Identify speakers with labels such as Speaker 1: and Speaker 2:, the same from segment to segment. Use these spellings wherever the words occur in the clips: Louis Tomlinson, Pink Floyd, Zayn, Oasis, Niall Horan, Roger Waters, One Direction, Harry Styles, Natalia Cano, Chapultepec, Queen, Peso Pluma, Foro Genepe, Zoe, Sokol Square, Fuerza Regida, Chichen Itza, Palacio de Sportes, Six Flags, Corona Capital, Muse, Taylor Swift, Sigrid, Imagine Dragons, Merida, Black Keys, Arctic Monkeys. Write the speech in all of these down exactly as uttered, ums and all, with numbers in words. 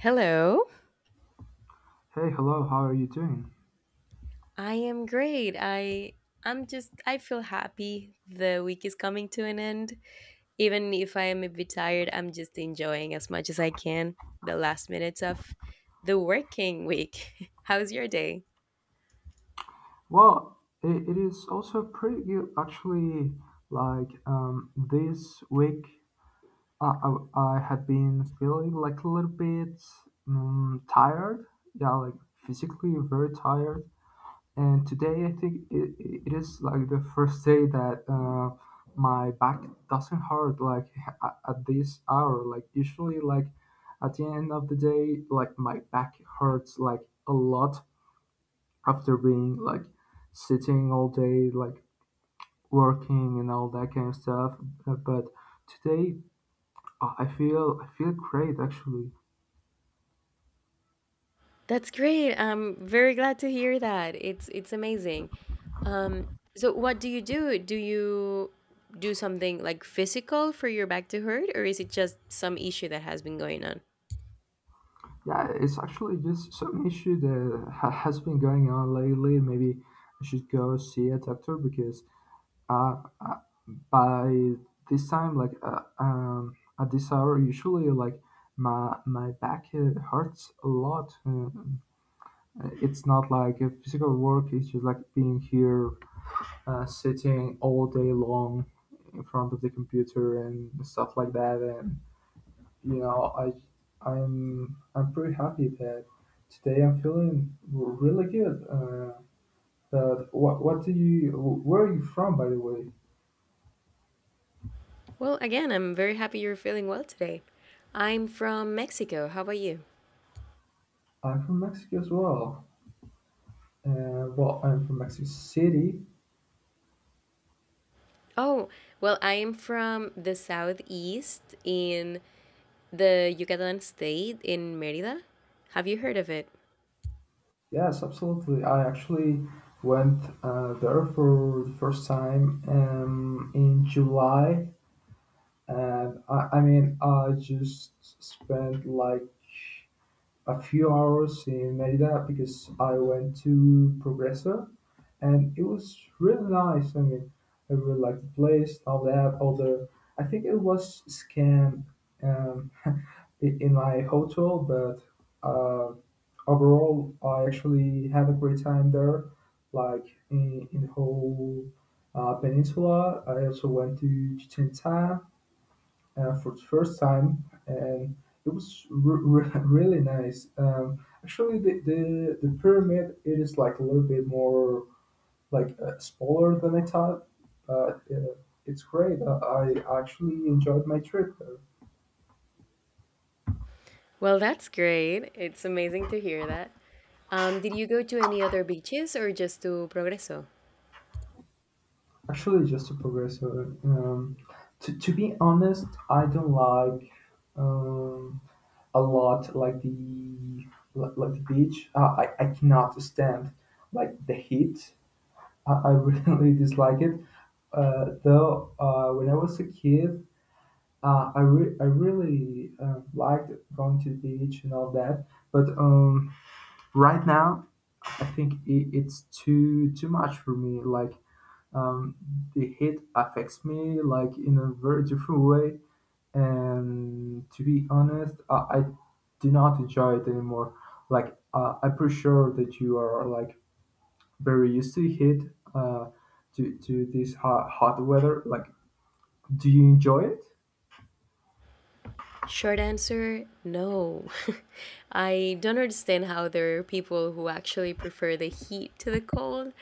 Speaker 1: Hello.
Speaker 2: Hey, hello, how are you doing?
Speaker 1: I am great. I I'm just I feel happy. The week is coming to an end. Even if I am a bit tired, I'm just enjoying as much as I can the last minutes of the working week. How's your day?
Speaker 2: Well, it, it is also pretty good actually. Like um, this week, I, I, I had been feeling like a little bit um, tired. Yeah, like physically very tired. And today, I think it, it is like the first day that uh, my back doesn't hurt like at, at this hour. Like usually, like at the end of the day, like my back hurts like a lot after being like sitting all day, like working and all that kind of stuff. Uh, But today, uh, I feel I feel great actually.
Speaker 1: That's great. I'm very glad to hear that. It's it's amazing. Um so what do you do? Do you do something like physical for your back to hurt, or is it just some issue that has been going on?
Speaker 2: Yeah, it's actually just some issue that ha- has been going on lately. Maybe I should go see a doctor because uh, uh, by this time, like uh, um, at this hour, usually like my my back uh, hurts a lot. Uh, it's not like a physical work; it's just like being here uh, sitting all day long in front of the computer and stuff like that. And you know, I I'm I'm pretty happy that today I'm feeling really good. Uh, but what what do you? Where are you from, by the way?
Speaker 1: Well, again, I'm very happy you're feeling well today. I'm from Mexico. How about you?
Speaker 2: I'm from Mexico as well. Uh, well, I'm from Mexico City.
Speaker 1: Oh, well, I am from the southeast in the Yucatan state in Merida. Have you heard of it?
Speaker 2: Yes, absolutely. I actually went uh, there for the first time um, in July. And I, I mean, I just spent like a few hours in Merida because I went to Progreso, and it was really nice. I mean, I really liked the place, all that. Although I think it was scam um, i- in my hotel, but uh, overall, I actually had a great time there. Like in, in the whole uh, peninsula, I also went to Chichen Itza uh, for the first time, and it was re- re- really nice. Um, actually, the, the the pyramid it is like a little bit more like uh, smaller than I thought, but uh, it's great. Uh, I actually enjoyed my trip there.
Speaker 1: Well, that's great. It's amazing to hear that. Um, did you go to any other beaches, or just to Progreso?
Speaker 2: Actually, just to progress, uh, um, to to be honest, I don't like um, a lot like the like, like the beach. Uh, I I cannot stand like the heat. I, I really dislike it. Uh, though uh, when I was a kid, uh, I re- I really uh, liked going to the beach and all that. But um, right now, I think I it's too too much for me. Like um, the heat affects me like in a very different way. And to be honest, I, I do not enjoy it anymore. Like uh, I'm pretty sure that you are like very used to the heat, uh, to to this hot, hot weather. Like, do you enjoy it?
Speaker 1: Short answer, no. I don't understand how there are people who actually prefer the heat to the cold.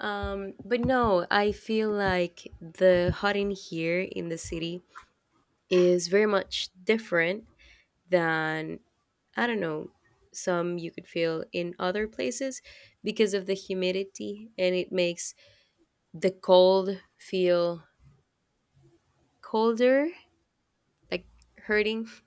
Speaker 1: Um, but no, I feel like the hot in here in the city is very much different than, I don't know, some you could feel in other places because of the humidity, and it makes the cold feel colder, like hurting.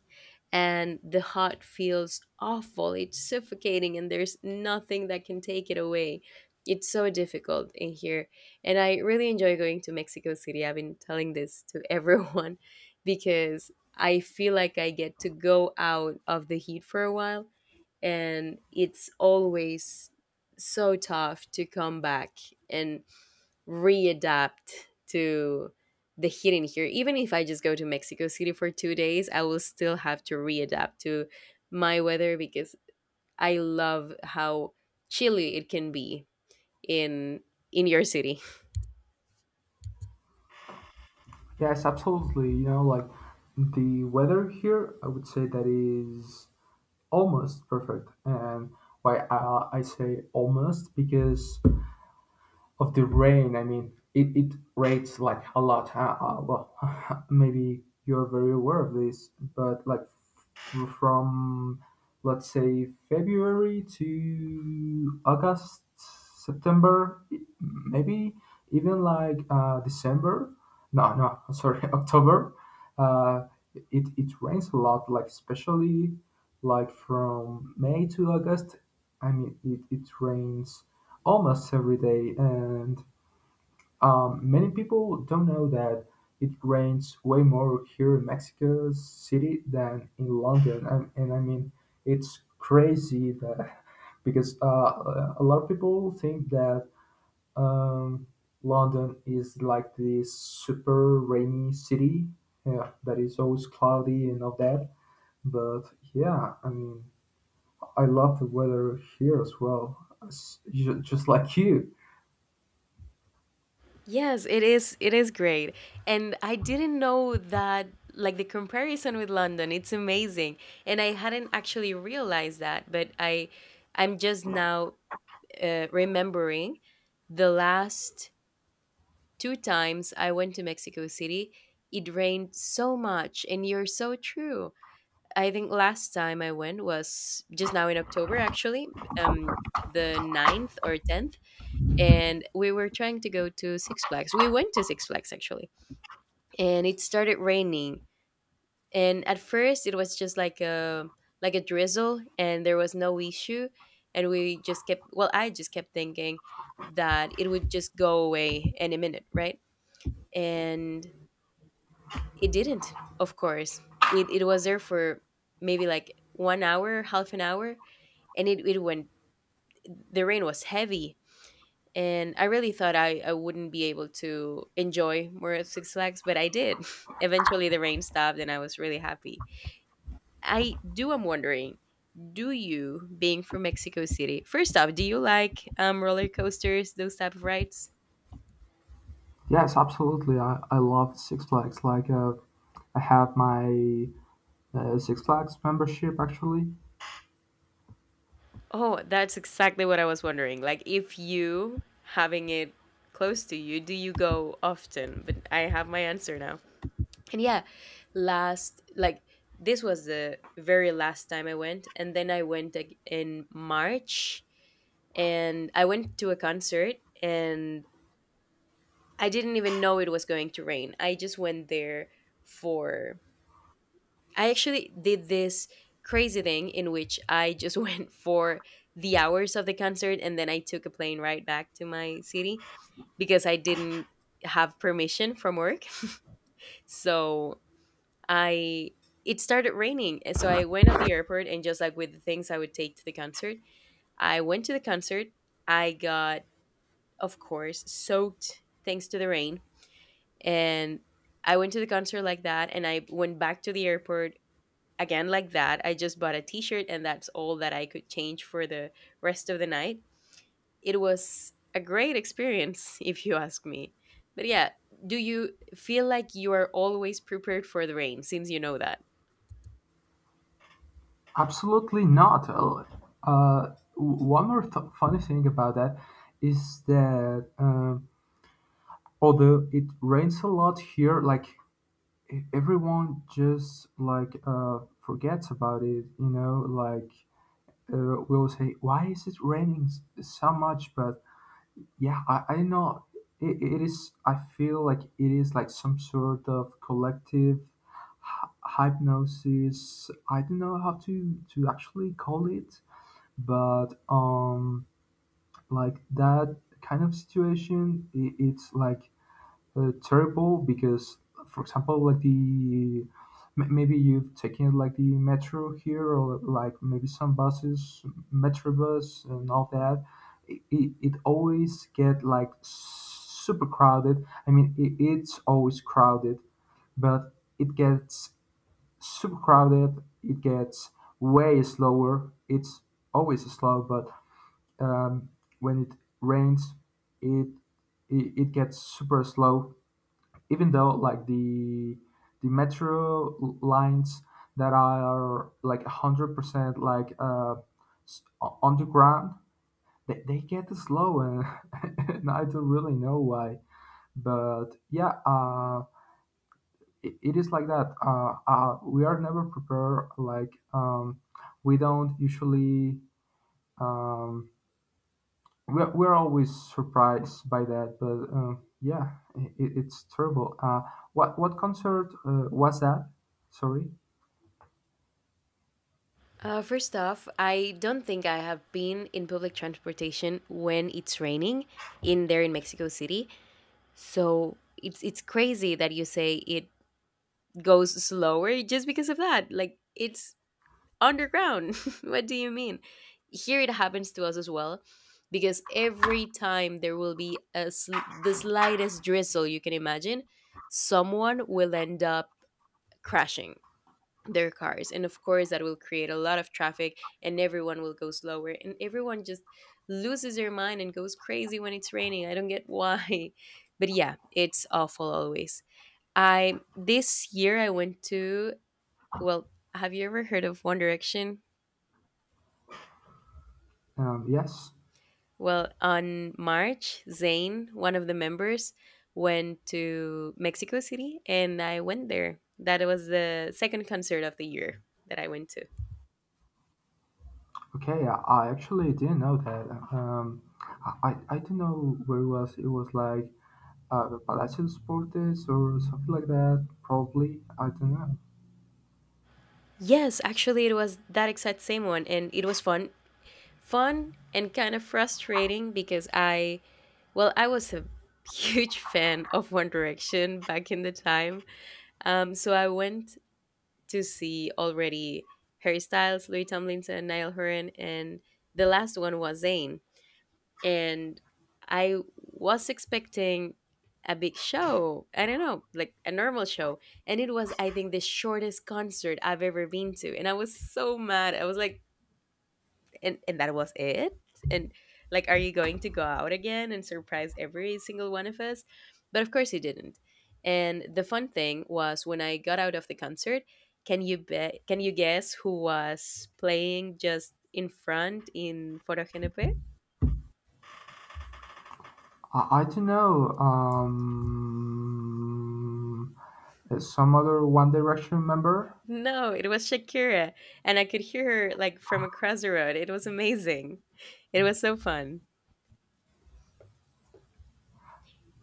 Speaker 1: And the heart feels awful. It's suffocating, and there's nothing that can take it away. It's so difficult in here. And I really enjoy going to Mexico City. I've been telling this to everyone because I feel like I get to go out of the heat for a while, and it's always so tough to come back and readapt to the heat in here. Even if I just go to Mexico City for two days, I will still have to readapt to my weather because I love how chilly it can be in in your city.
Speaker 2: Yes, absolutely. You know, like the weather here, I would say that is almost perfect. And why I, I say almost because of the rain. I mean, it, it rains like a lot. Huh? Uh, well, maybe you're very aware of this, but like f- from let's say February to August, September, i- maybe even like uh, December. No, no, sorry, October. Uh, it it rains a lot, like especially like from May to August. I mean, it, it rains almost every day, and um, many people don't know that it rains way more here in Mexico City than in London. And, and I mean, it's crazy that because uh, a lot of people think that um, London is like this super rainy city, yeah, that is always cloudy and all that. But yeah, I mean, I love the weather here as well, as- ju- just like you.
Speaker 1: Yes, it is it is great. And I didn't know that, like, the comparison with London, it's amazing. And I hadn't actually realized that, but I I'm just now uh, remembering the last two times I went to Mexico City, it rained so much, and you're so true. I think last time I went was just now in October, actually, um, the ninth or tenth, and we were trying to go to Six Flags. We went to Six Flags, actually, and it started raining. And at first, it was just like a like a drizzle, and there was no issue. And we just kept, well, I just kept thinking that it would just go away any minute, right? And it didn't, of course. It it was there for maybe like one hour, half an hour, and it, it went the rain was heavy. And I really thought I, I wouldn't be able to enjoy more of Six Flags, but I did. Eventually the rain stopped and I was really happy. I do i am wondering, do you being from Mexico City, first off, do you like um roller coasters, those type of rides?
Speaker 2: Yes, absolutely. I, I love Six Flags. Like, uh, I have my uh, Six Flags membership actually.
Speaker 1: Oh, that's exactly what I was wondering. Like, if you, having it close to you, do you go often? But I have my answer now. And yeah, last, like, this was the very last time I went. And then I went ag- in March, and I went to a concert, and I didn't even know it was going to rain. I just went there for I actually did this crazy thing in which I just went for the hours of the concert, and then I took a plane right back to my city because I didn't have permission from work. so I It started raining, and so I went to the airport and, just like, with the things I would take to the concert, I went to the concert. I got, of course, soaked thanks to the rain. And I went to the concert like that, and I went back to the airport again like that. I just bought a t-shirt, and that's all that I could change for the rest of the night. It was a great experience if you ask me. But yeah, do you feel like you are always prepared for the rain, since you know that?
Speaker 2: Absolutely not. Uh, uh, w- one more th- funny thing about that is that uh, although it rains a lot here, like e- everyone just like uh, forgets about it. You know, like uh, we will say, "Why is it raining s- so much?" But yeah, I, I know it, it is. I feel like it is like some sort of collective hy- hypnosis. I don't know how to to actually call it, but um, like that kind of situation, I it's like uh, terrible because, for example, like the m- maybe you've taken like the metro here or like maybe some buses, metro bus and all that. It, it, it always get like super crowded. I mean, it, it's always crowded, but it gets super crowded. It gets way slower. It's always slow, but um, when it rains, it it, it gets super slow even though like the the metro l- lines that are like one hundred percent like uh s- o- underground, they, they get slow, and and I don't really know why. But yeah, uh it, it is like that. Uh, uh we are never prepared, like um we don't usually um we're, we're always surprised by that. But uh, yeah, it, it's terrible. uh, what what concert uh, was that, sorry?
Speaker 1: Uh, first off, I don't think I have been in public transportation when it's raining in there in Mexico City. So it's it's crazy that you say it goes slower just because of that. Like, it's underground. What do you mean? Here it happens to us as well, because every time there will be a sl- the slightest drizzle you can imagine, someone will end up crashing their cars, and of course that will create a lot of traffic, and everyone will go slower, and everyone just loses their mind and goes crazy when it's raining. I don't get why, but yeah, it's awful always. I This year I went to. Well, have you ever heard of One Direction?
Speaker 2: Um, yes.
Speaker 1: Well, on March, Zane, one of the members, went to Mexico City, and I went there. That was the second concert of the year that I went to.
Speaker 2: Okay, I, I actually didn't know that. Um, I, I I don't know where it was. It was like uh, the Palacio de Sportes or something like that probably, I don't know.
Speaker 1: Yes, actually, it was that exact same one, and it was fun. Fun and kind of frustrating because I, well, I was a huge fan of One Direction back in the time. Um, so I went to see already Harry Styles, Louis Tomlinson, Niall Horan, and the last one was Zayn. And I was expecting a big show. I don't know, like a normal show. And it was, I think, the shortest concert I've ever been to. And I was so mad. I was like, and, and that was it? And like, are you going to go out again and surprise every single one of us? But of course, he didn't. And the fun thing was, when I got out of the concert, can you bet? Can you guess who was playing just in front in Foro Genepe?
Speaker 2: I, I don't know, um, uh, some other One Direction member.
Speaker 1: No, it was Shakira, and I could hear her, like, from across the road. It was amazing. It was so fun.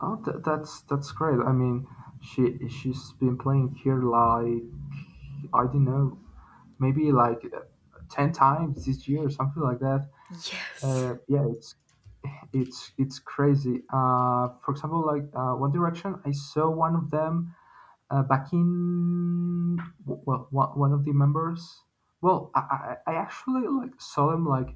Speaker 2: Oh, th- that's that's great. I mean, she she's been playing here, like I don't know, maybe like uh, ten times this year or something like that.
Speaker 1: Yes.
Speaker 2: Uh, yeah, it's it's it's crazy. Uh, for example, like uh, One Direction, I saw one of them uh, back in w- well, one, one of the members. Well, I, I I actually like saw them like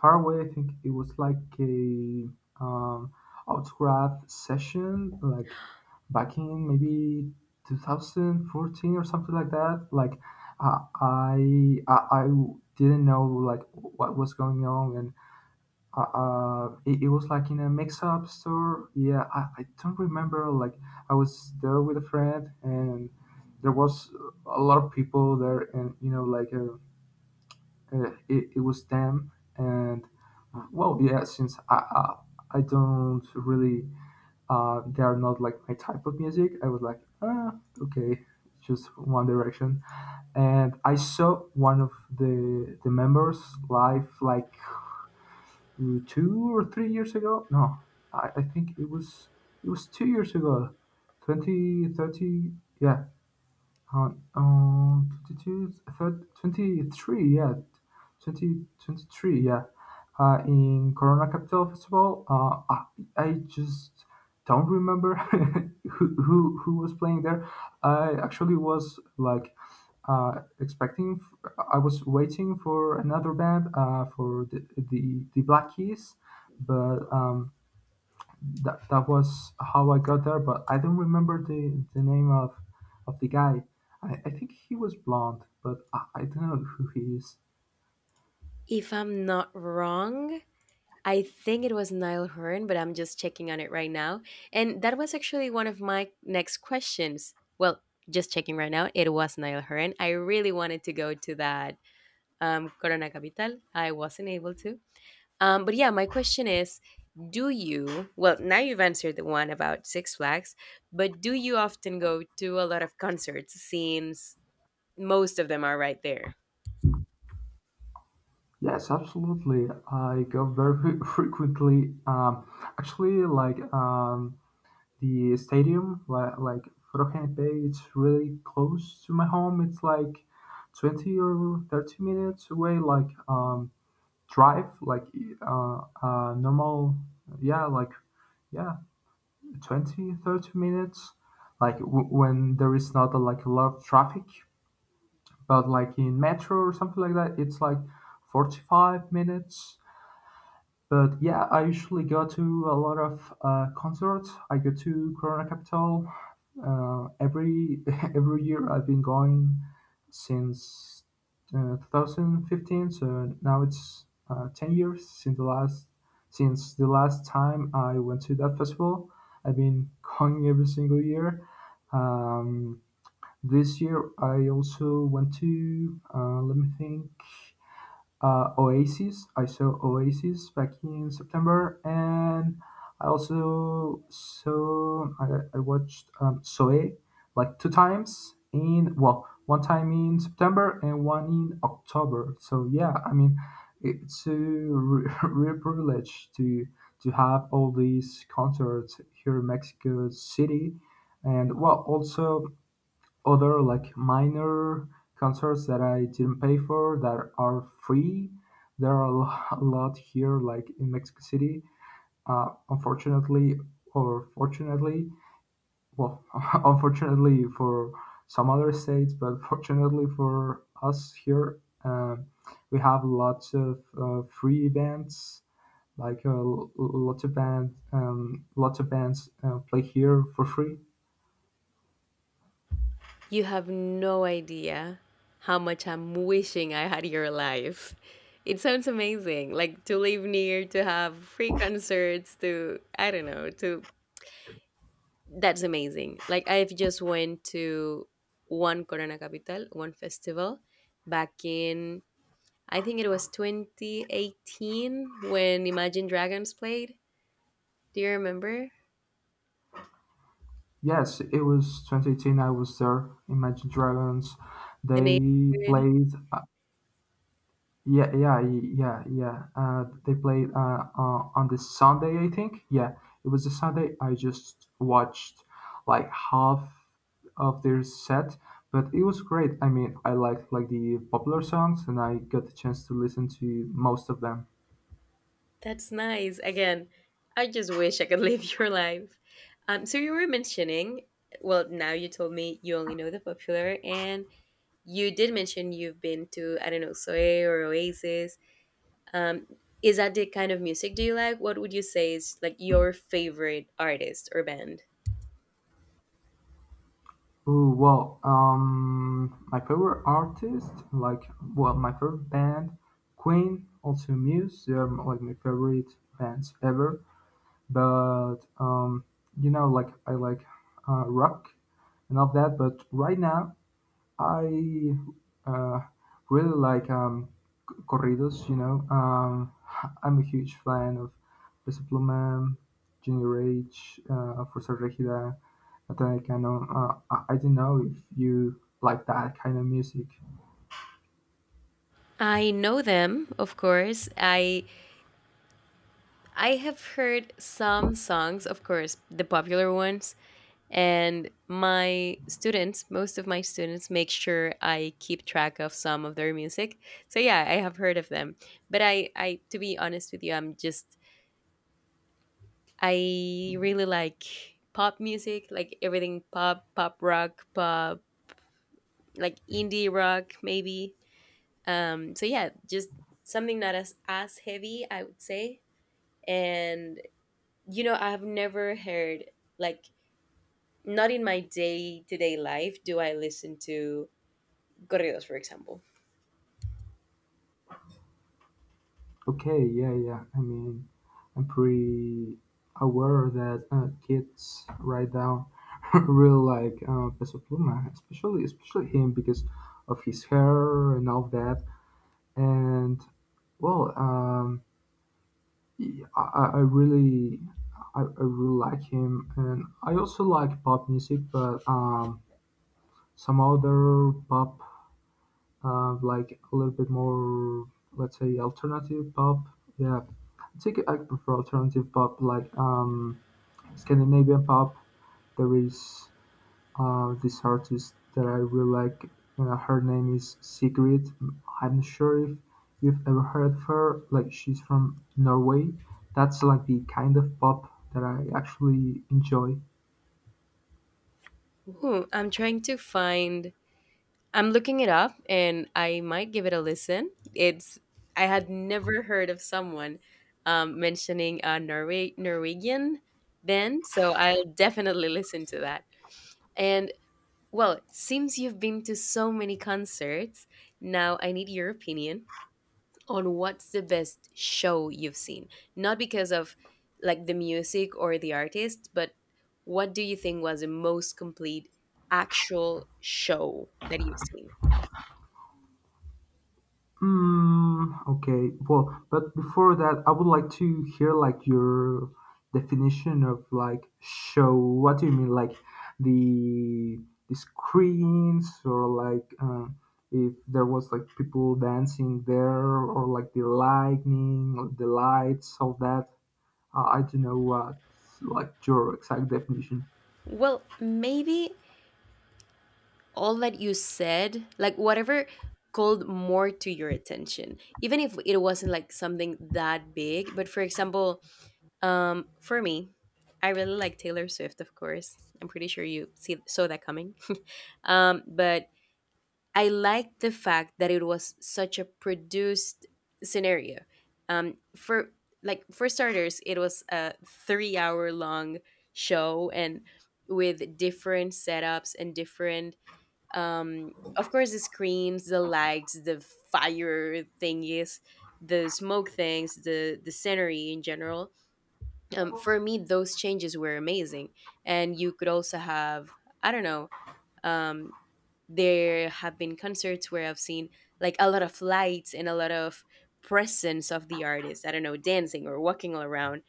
Speaker 2: far away, I think it was like a um, autograph session, like back in maybe two thousand fourteen or something like that. Like uh, I, I I didn't know like what was going on, and uh, uh, it, it was like in a mix-up store. Yeah, I, I don't remember. Like I was there with a friend, and there was a lot of people there, and you know like. Uh, uh, it, it was them, and uh, well, yeah, since i i, I don't really uh, they are not like my type of music. I was like, ah, okay, just one direction. And I saw one of the the members live like uh, two or three years ago. No, i, I think it was it was two years ago, twenty thirty. Yeah. How, uh, twenty two, twenty three, yeah, twenty twenty three, yeah, uh, in Corona Capital Festival. Uh, I, I just don't remember who, who who was playing there. I actually was like uh, expecting. f- I was waiting for another band, uh, for the the, the Black Keys, but um, that that was how I got there, but I don't remember the the name of of the guy. I, I think he was blonde, but I, I don't know who he is.
Speaker 1: If I'm not wrong, I think it was Niall Horan, but I'm just checking on it right now. And that was actually one of my next questions. Well, just checking right now, it was Niall Horan. I really wanted to go to that um, Corona Capital. I wasn't able to. Um, but yeah, my question is, do you, well, now you've answered the one about Six Flags, but do you often go to a lot of concerts since most of them are right there?
Speaker 2: Yes, absolutely. I go very frequently. Um, actually, like um, the stadium, like like Rohan Bay, it's really close to my home. It's like twenty or thirty minutes away. Like um, drive, like e, uh, uh, normal. Yeah, like, yeah. Twenty, thirty minutes like w- when there is not a, like a lot of traffic. But like in metro or something like that, it's like forty five minutes. But yeah, I usually go to a lot of uh, concerts. I go to Corona Capital uh, every every year. I've been going since uh, two thousand fifteen. So now it's uh, ten years since the last since the last time I went to that festival. I've been going every single year. Um, this year I also went to, uh, let me think, uh, Oasis. I saw Oasis back in September, and I also saw I, I watched um, Zoe like two times in, well, one time in September and one in October. So yeah, I mean, it's a re- real privilege to to have all these concerts here in Mexico City, and well, also other like minor concerts that I didn't pay for that are free. There are a lo- a lot here, like in Mexico City. Uh, unfortunately, or fortunately, well, unfortunately for some other states, but fortunately for us here, um, we have lots of uh, free events. Like uh, l- lots of band, um, lots of bands uh, play here for free.
Speaker 1: You have no idea how much I'm wishing I had your life. It sounds amazing, like to live near, to have free concerts, to, I don't know, to, that's amazing. Like, I've just went to one Corona Capital, one festival back in, I think it was twenty eighteen, when Imagine Dragons played. Do you remember
Speaker 2: Yes, it was twenty eighteen. I was there. Imagine Dragons.
Speaker 1: the
Speaker 2: They
Speaker 1: neighborhood?
Speaker 2: played. Uh, yeah, yeah, yeah, yeah. Uh, they played uh, uh, on the Sunday, I think. Yeah, it was a Sunday. I just watched like half of their set, but it was great. I mean, I liked like the popular songs, and I got the chance to listen to most of them.
Speaker 1: That's nice. Again, I just wish I could live your life. Um, so you were mentioning, well, now you told me you only know the popular, and you did mention you've been to, I don't know, Soe or Oasis. Um, is that the kind of music do you like? What would you say is, like, your favorite artist or band?
Speaker 2: Ooh, well, um, my favorite artist, like, well, my favorite band, Queen, also Muse. They're m- like my favorite bands ever. But um, you know, like I like uh, rock and all that. But right now, I uh, really like um, c- corridos. You know. Um, I'm a huge fan of Peso Pluma, Junior H, uh, Fuerza Regida, Natalia Cano. Uh, I, I don't know if you like that kind of music.
Speaker 1: I know them, of course. I I have heard some songs, of course, the popular ones, and my students, most of my students, make sure I keep track of some of their music. So yeah, I have heard of them. But I, I, to be honest with you, I'm just I really like pop music, like everything pop, pop rock, pop, like indie rock, maybe. Um, so yeah, just something not as as heavy, I would say. And you know, I've never heard, like, not in my day to day life do I listen to corridos, for example.
Speaker 2: Okay, yeah, yeah. I mean, I'm pretty aware that uh, kids right now really like uh, Peso Pluma, especially especially him because of his hair and all that. And well, um, I, I I really, I, I really like him, and I also like pop music, but um, some other pop, uh, like a little bit more, let's say alternative pop. Yeah, I think I prefer alternative pop, like um, Scandinavian pop. There is uh, this artist that I really like. Uh, her name is Sigrid. I'm not sure if you've ever heard of her. Like she's from Norway. That's like the kind of pop that I actually enjoy.
Speaker 1: Ooh, I'm trying to find. I'm looking it up, and I might give it a listen. It's I had never heard of someone um, mentioning a Norway Norwegian band, so I'll definitely listen to that. And well, since you've been to so many concerts, now I need your opinion on what's the best show you've seen, not because of, like, the music or the artist, but what do you think was the most complete actual show that you've seen.
Speaker 2: Mm, okay. Well, but before that, I would like to hear like your definition of like show. What do you mean, like the the screens or like uh, if there was like people dancing there, or like the lightning or the lights, all that. Uh, I don't know what like your exact definition.
Speaker 1: Well, maybe all that you said, like, whatever called more to your attention, even if it wasn't like something that big, but for example, um for me, i really like Taylor Swift, of course. I'm pretty sure you see saw that coming. Um but I liked the fact that it was such a produced scenario. Um, for like for starters, it was a three-hour long show, and with different setups and different, um, of course, the screens, the lights, the fire thingies, the smoke things, the the scenery in general. Um, for me, those changes were amazing, and you could also have, I don't know, um, there have been concerts where I've seen, like, a lot of lights and a lot of presence of the artist. I don't know, dancing or walking all around.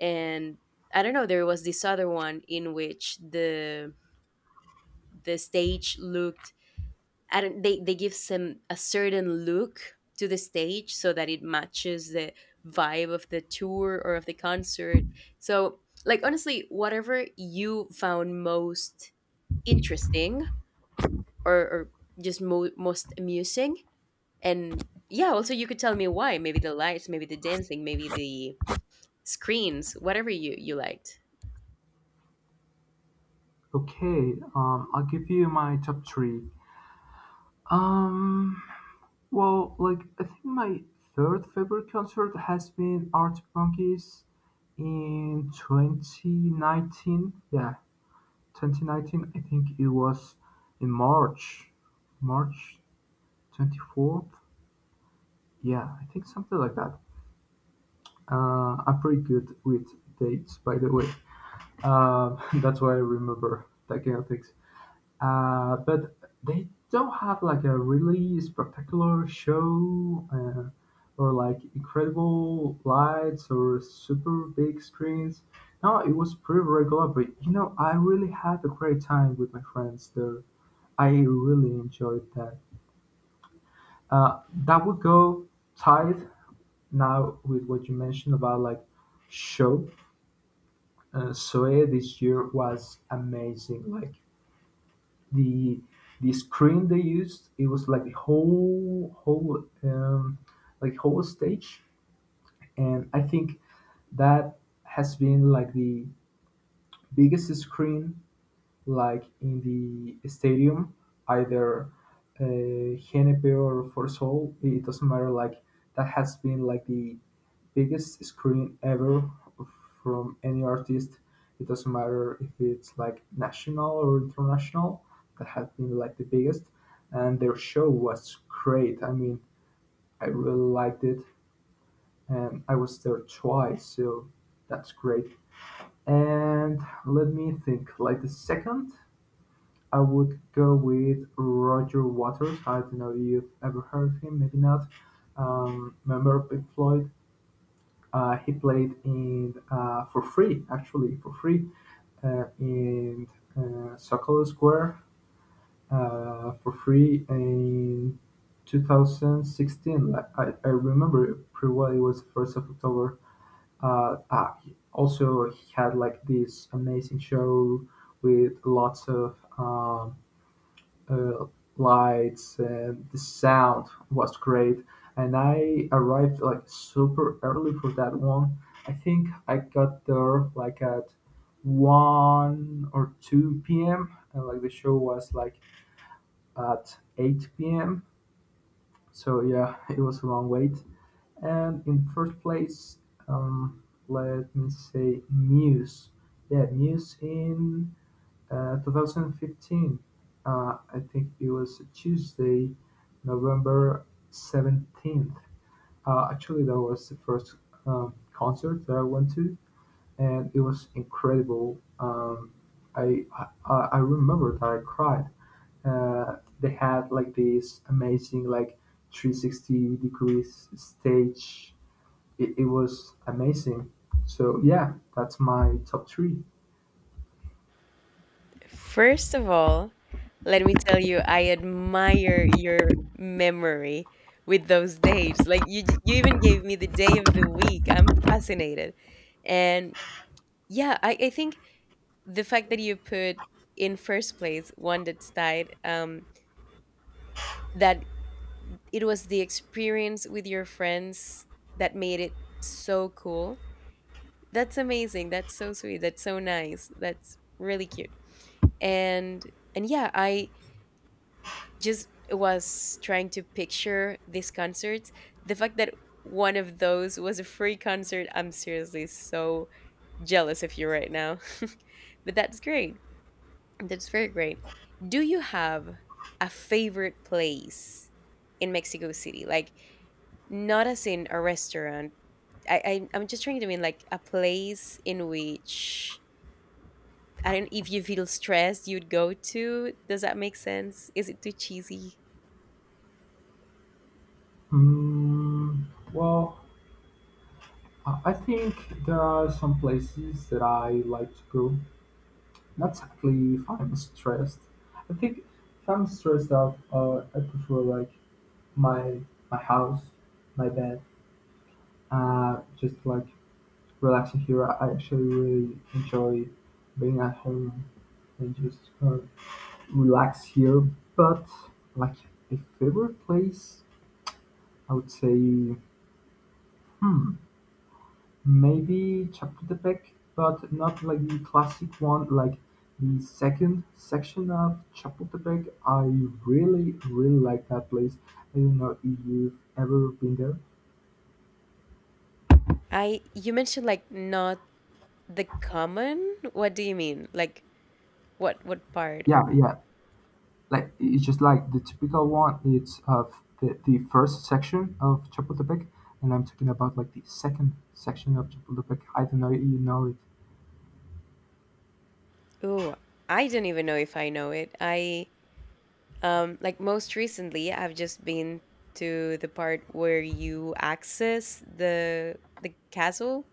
Speaker 1: And I don't know, there was this other one in which the the stage looked I don't they, they give some a certain look to the stage so that it matches the vibe of the tour or of the concert. So, like, honestly, whatever you found most interesting, or or just mo- most amusing. And yeah, also, you could tell me why. Maybe the lights, maybe the dancing, maybe the screens, whatever you you liked.
Speaker 2: Okay. Um, I'll give you my top three. Um. Well, like I think my third favorite concert has been Arctic Monkeys in twenty nineteen. Yeah, twenty nineteen. I think it was in March, March twenty-fourth. Yeah, I think something like that. Uh, I'm pretty good with dates, by the way. Uh, that's why I remember that kind of things. Uh, but they don't have like a really spectacular show uh, or like incredible lights or super big screens. No, it was pretty regular, but you know, I really had a great time with my friends there. I really enjoyed that. Uh, that would go tied now with what you mentioned about like show. Uh, Soe this year was amazing. Like the the screen they used, it was like the whole whole um, like whole stage, and I think that has been like the biggest screen like in the stadium, either uh, Genepe or for Seoul. It doesn't matter, like that has been like the biggest screen ever from any artist. It doesn't matter if it's like national or international, that has been like the biggest. And their show was great. I mean, I really liked it, and I was there twice, so that's great. And let me think. Like the second, I would go with Roger Waters. I don't know if you've ever heard of him, maybe not. Um, member of Pink Floyd? Uh, he played in uh, for free, actually for free, uh, in uh, Sokol Square uh, for free in twenty sixteen. I, I remember pretty well. It was the first of October. Uh, ah, Also, he had like this amazing show with lots of um, uh, lights, and the sound was great, and I arrived like super early for that one. I think I got there like at one or two p m and like the show was like at eight p m, so yeah, it was a long wait. And in first place, um let me say Muse. Yeah, Muse in uh, twenty fifteen. Uh, I think it was Tuesday, November seventeenth. Uh, actually, that was the first um, concert that I went to, and it was incredible. Um, I, I I remember that I cried. Uh, they had like this amazing like three hundred sixty degrees stage. It, it was amazing. So yeah, that's my top three.
Speaker 1: First of all, let me tell you, I admire your memory with those dates. Like, you, j- you even gave me the day of the week. I'm fascinated. And yeah, I, I think the fact that you put in first place one that's tied, um, that it was the experience with your friends that made it so cool. That's amazing. That's so sweet. That's so nice. That's really cute. And and yeah, I just was trying to picture these concerts. The fact that one of those was a free concert, I'm seriously so jealous of you right now. But that's great. That's very great. Do you have a favorite place in Mexico City? Like, not as in a restaurant. I, I I'm just trying to mean like a place in which, I don't if you feel stressed, you'd go to. Does that make sense? Is it too cheesy?
Speaker 2: Mm, well, Uh, I think there are some places that I like to go. Not exactly if I'm stressed. I think if I'm stressed out, uh, I prefer like my my house, my bed, uh, just like relaxing here. I actually really enjoy being at home and just uh, relax here. But like a favorite place, I would say, hmm, maybe Chapultepec, but not like the classic one, like the second section of Chapultepec. I really, really like that place. I don't know if you've ever been there.
Speaker 1: I You mentioned, like, not the common. What do you mean? Like, what what part, or?
Speaker 2: Yeah, yeah. Like it's just like the typical one. It's of the, the first section of Chapultepec, and I'm talking about like the second section of Chapultepec. I don't know if you know it.
Speaker 1: Ooh, I don't even know if I know it. I Um, like most recently, I've just been to the part where you access the the castle,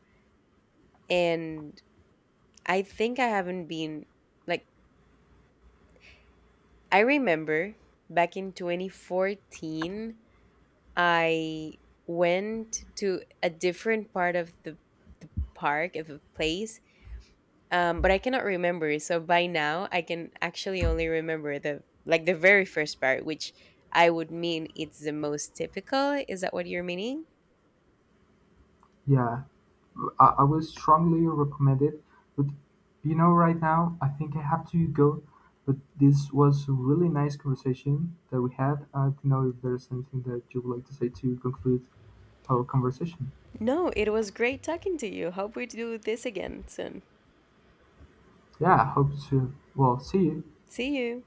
Speaker 1: and I think I haven't been. Like, I remember back in twenty fourteen, I went to a different part of the the park, of the place, um, but I cannot remember. So by now, I can actually only remember the like the very first part, which I would mean it's the most typical. Is that what you're meaning?
Speaker 2: Yeah, I, I will strongly recommend it. But you know, right now, I think I have to go. But this was a really nice conversation that we had. I don't know if there's anything that you would like to say to conclude our conversation.
Speaker 1: No, it was great talking to you. Hope we do this again soon.
Speaker 2: Yeah, I hope to. Well, see you.
Speaker 1: See you.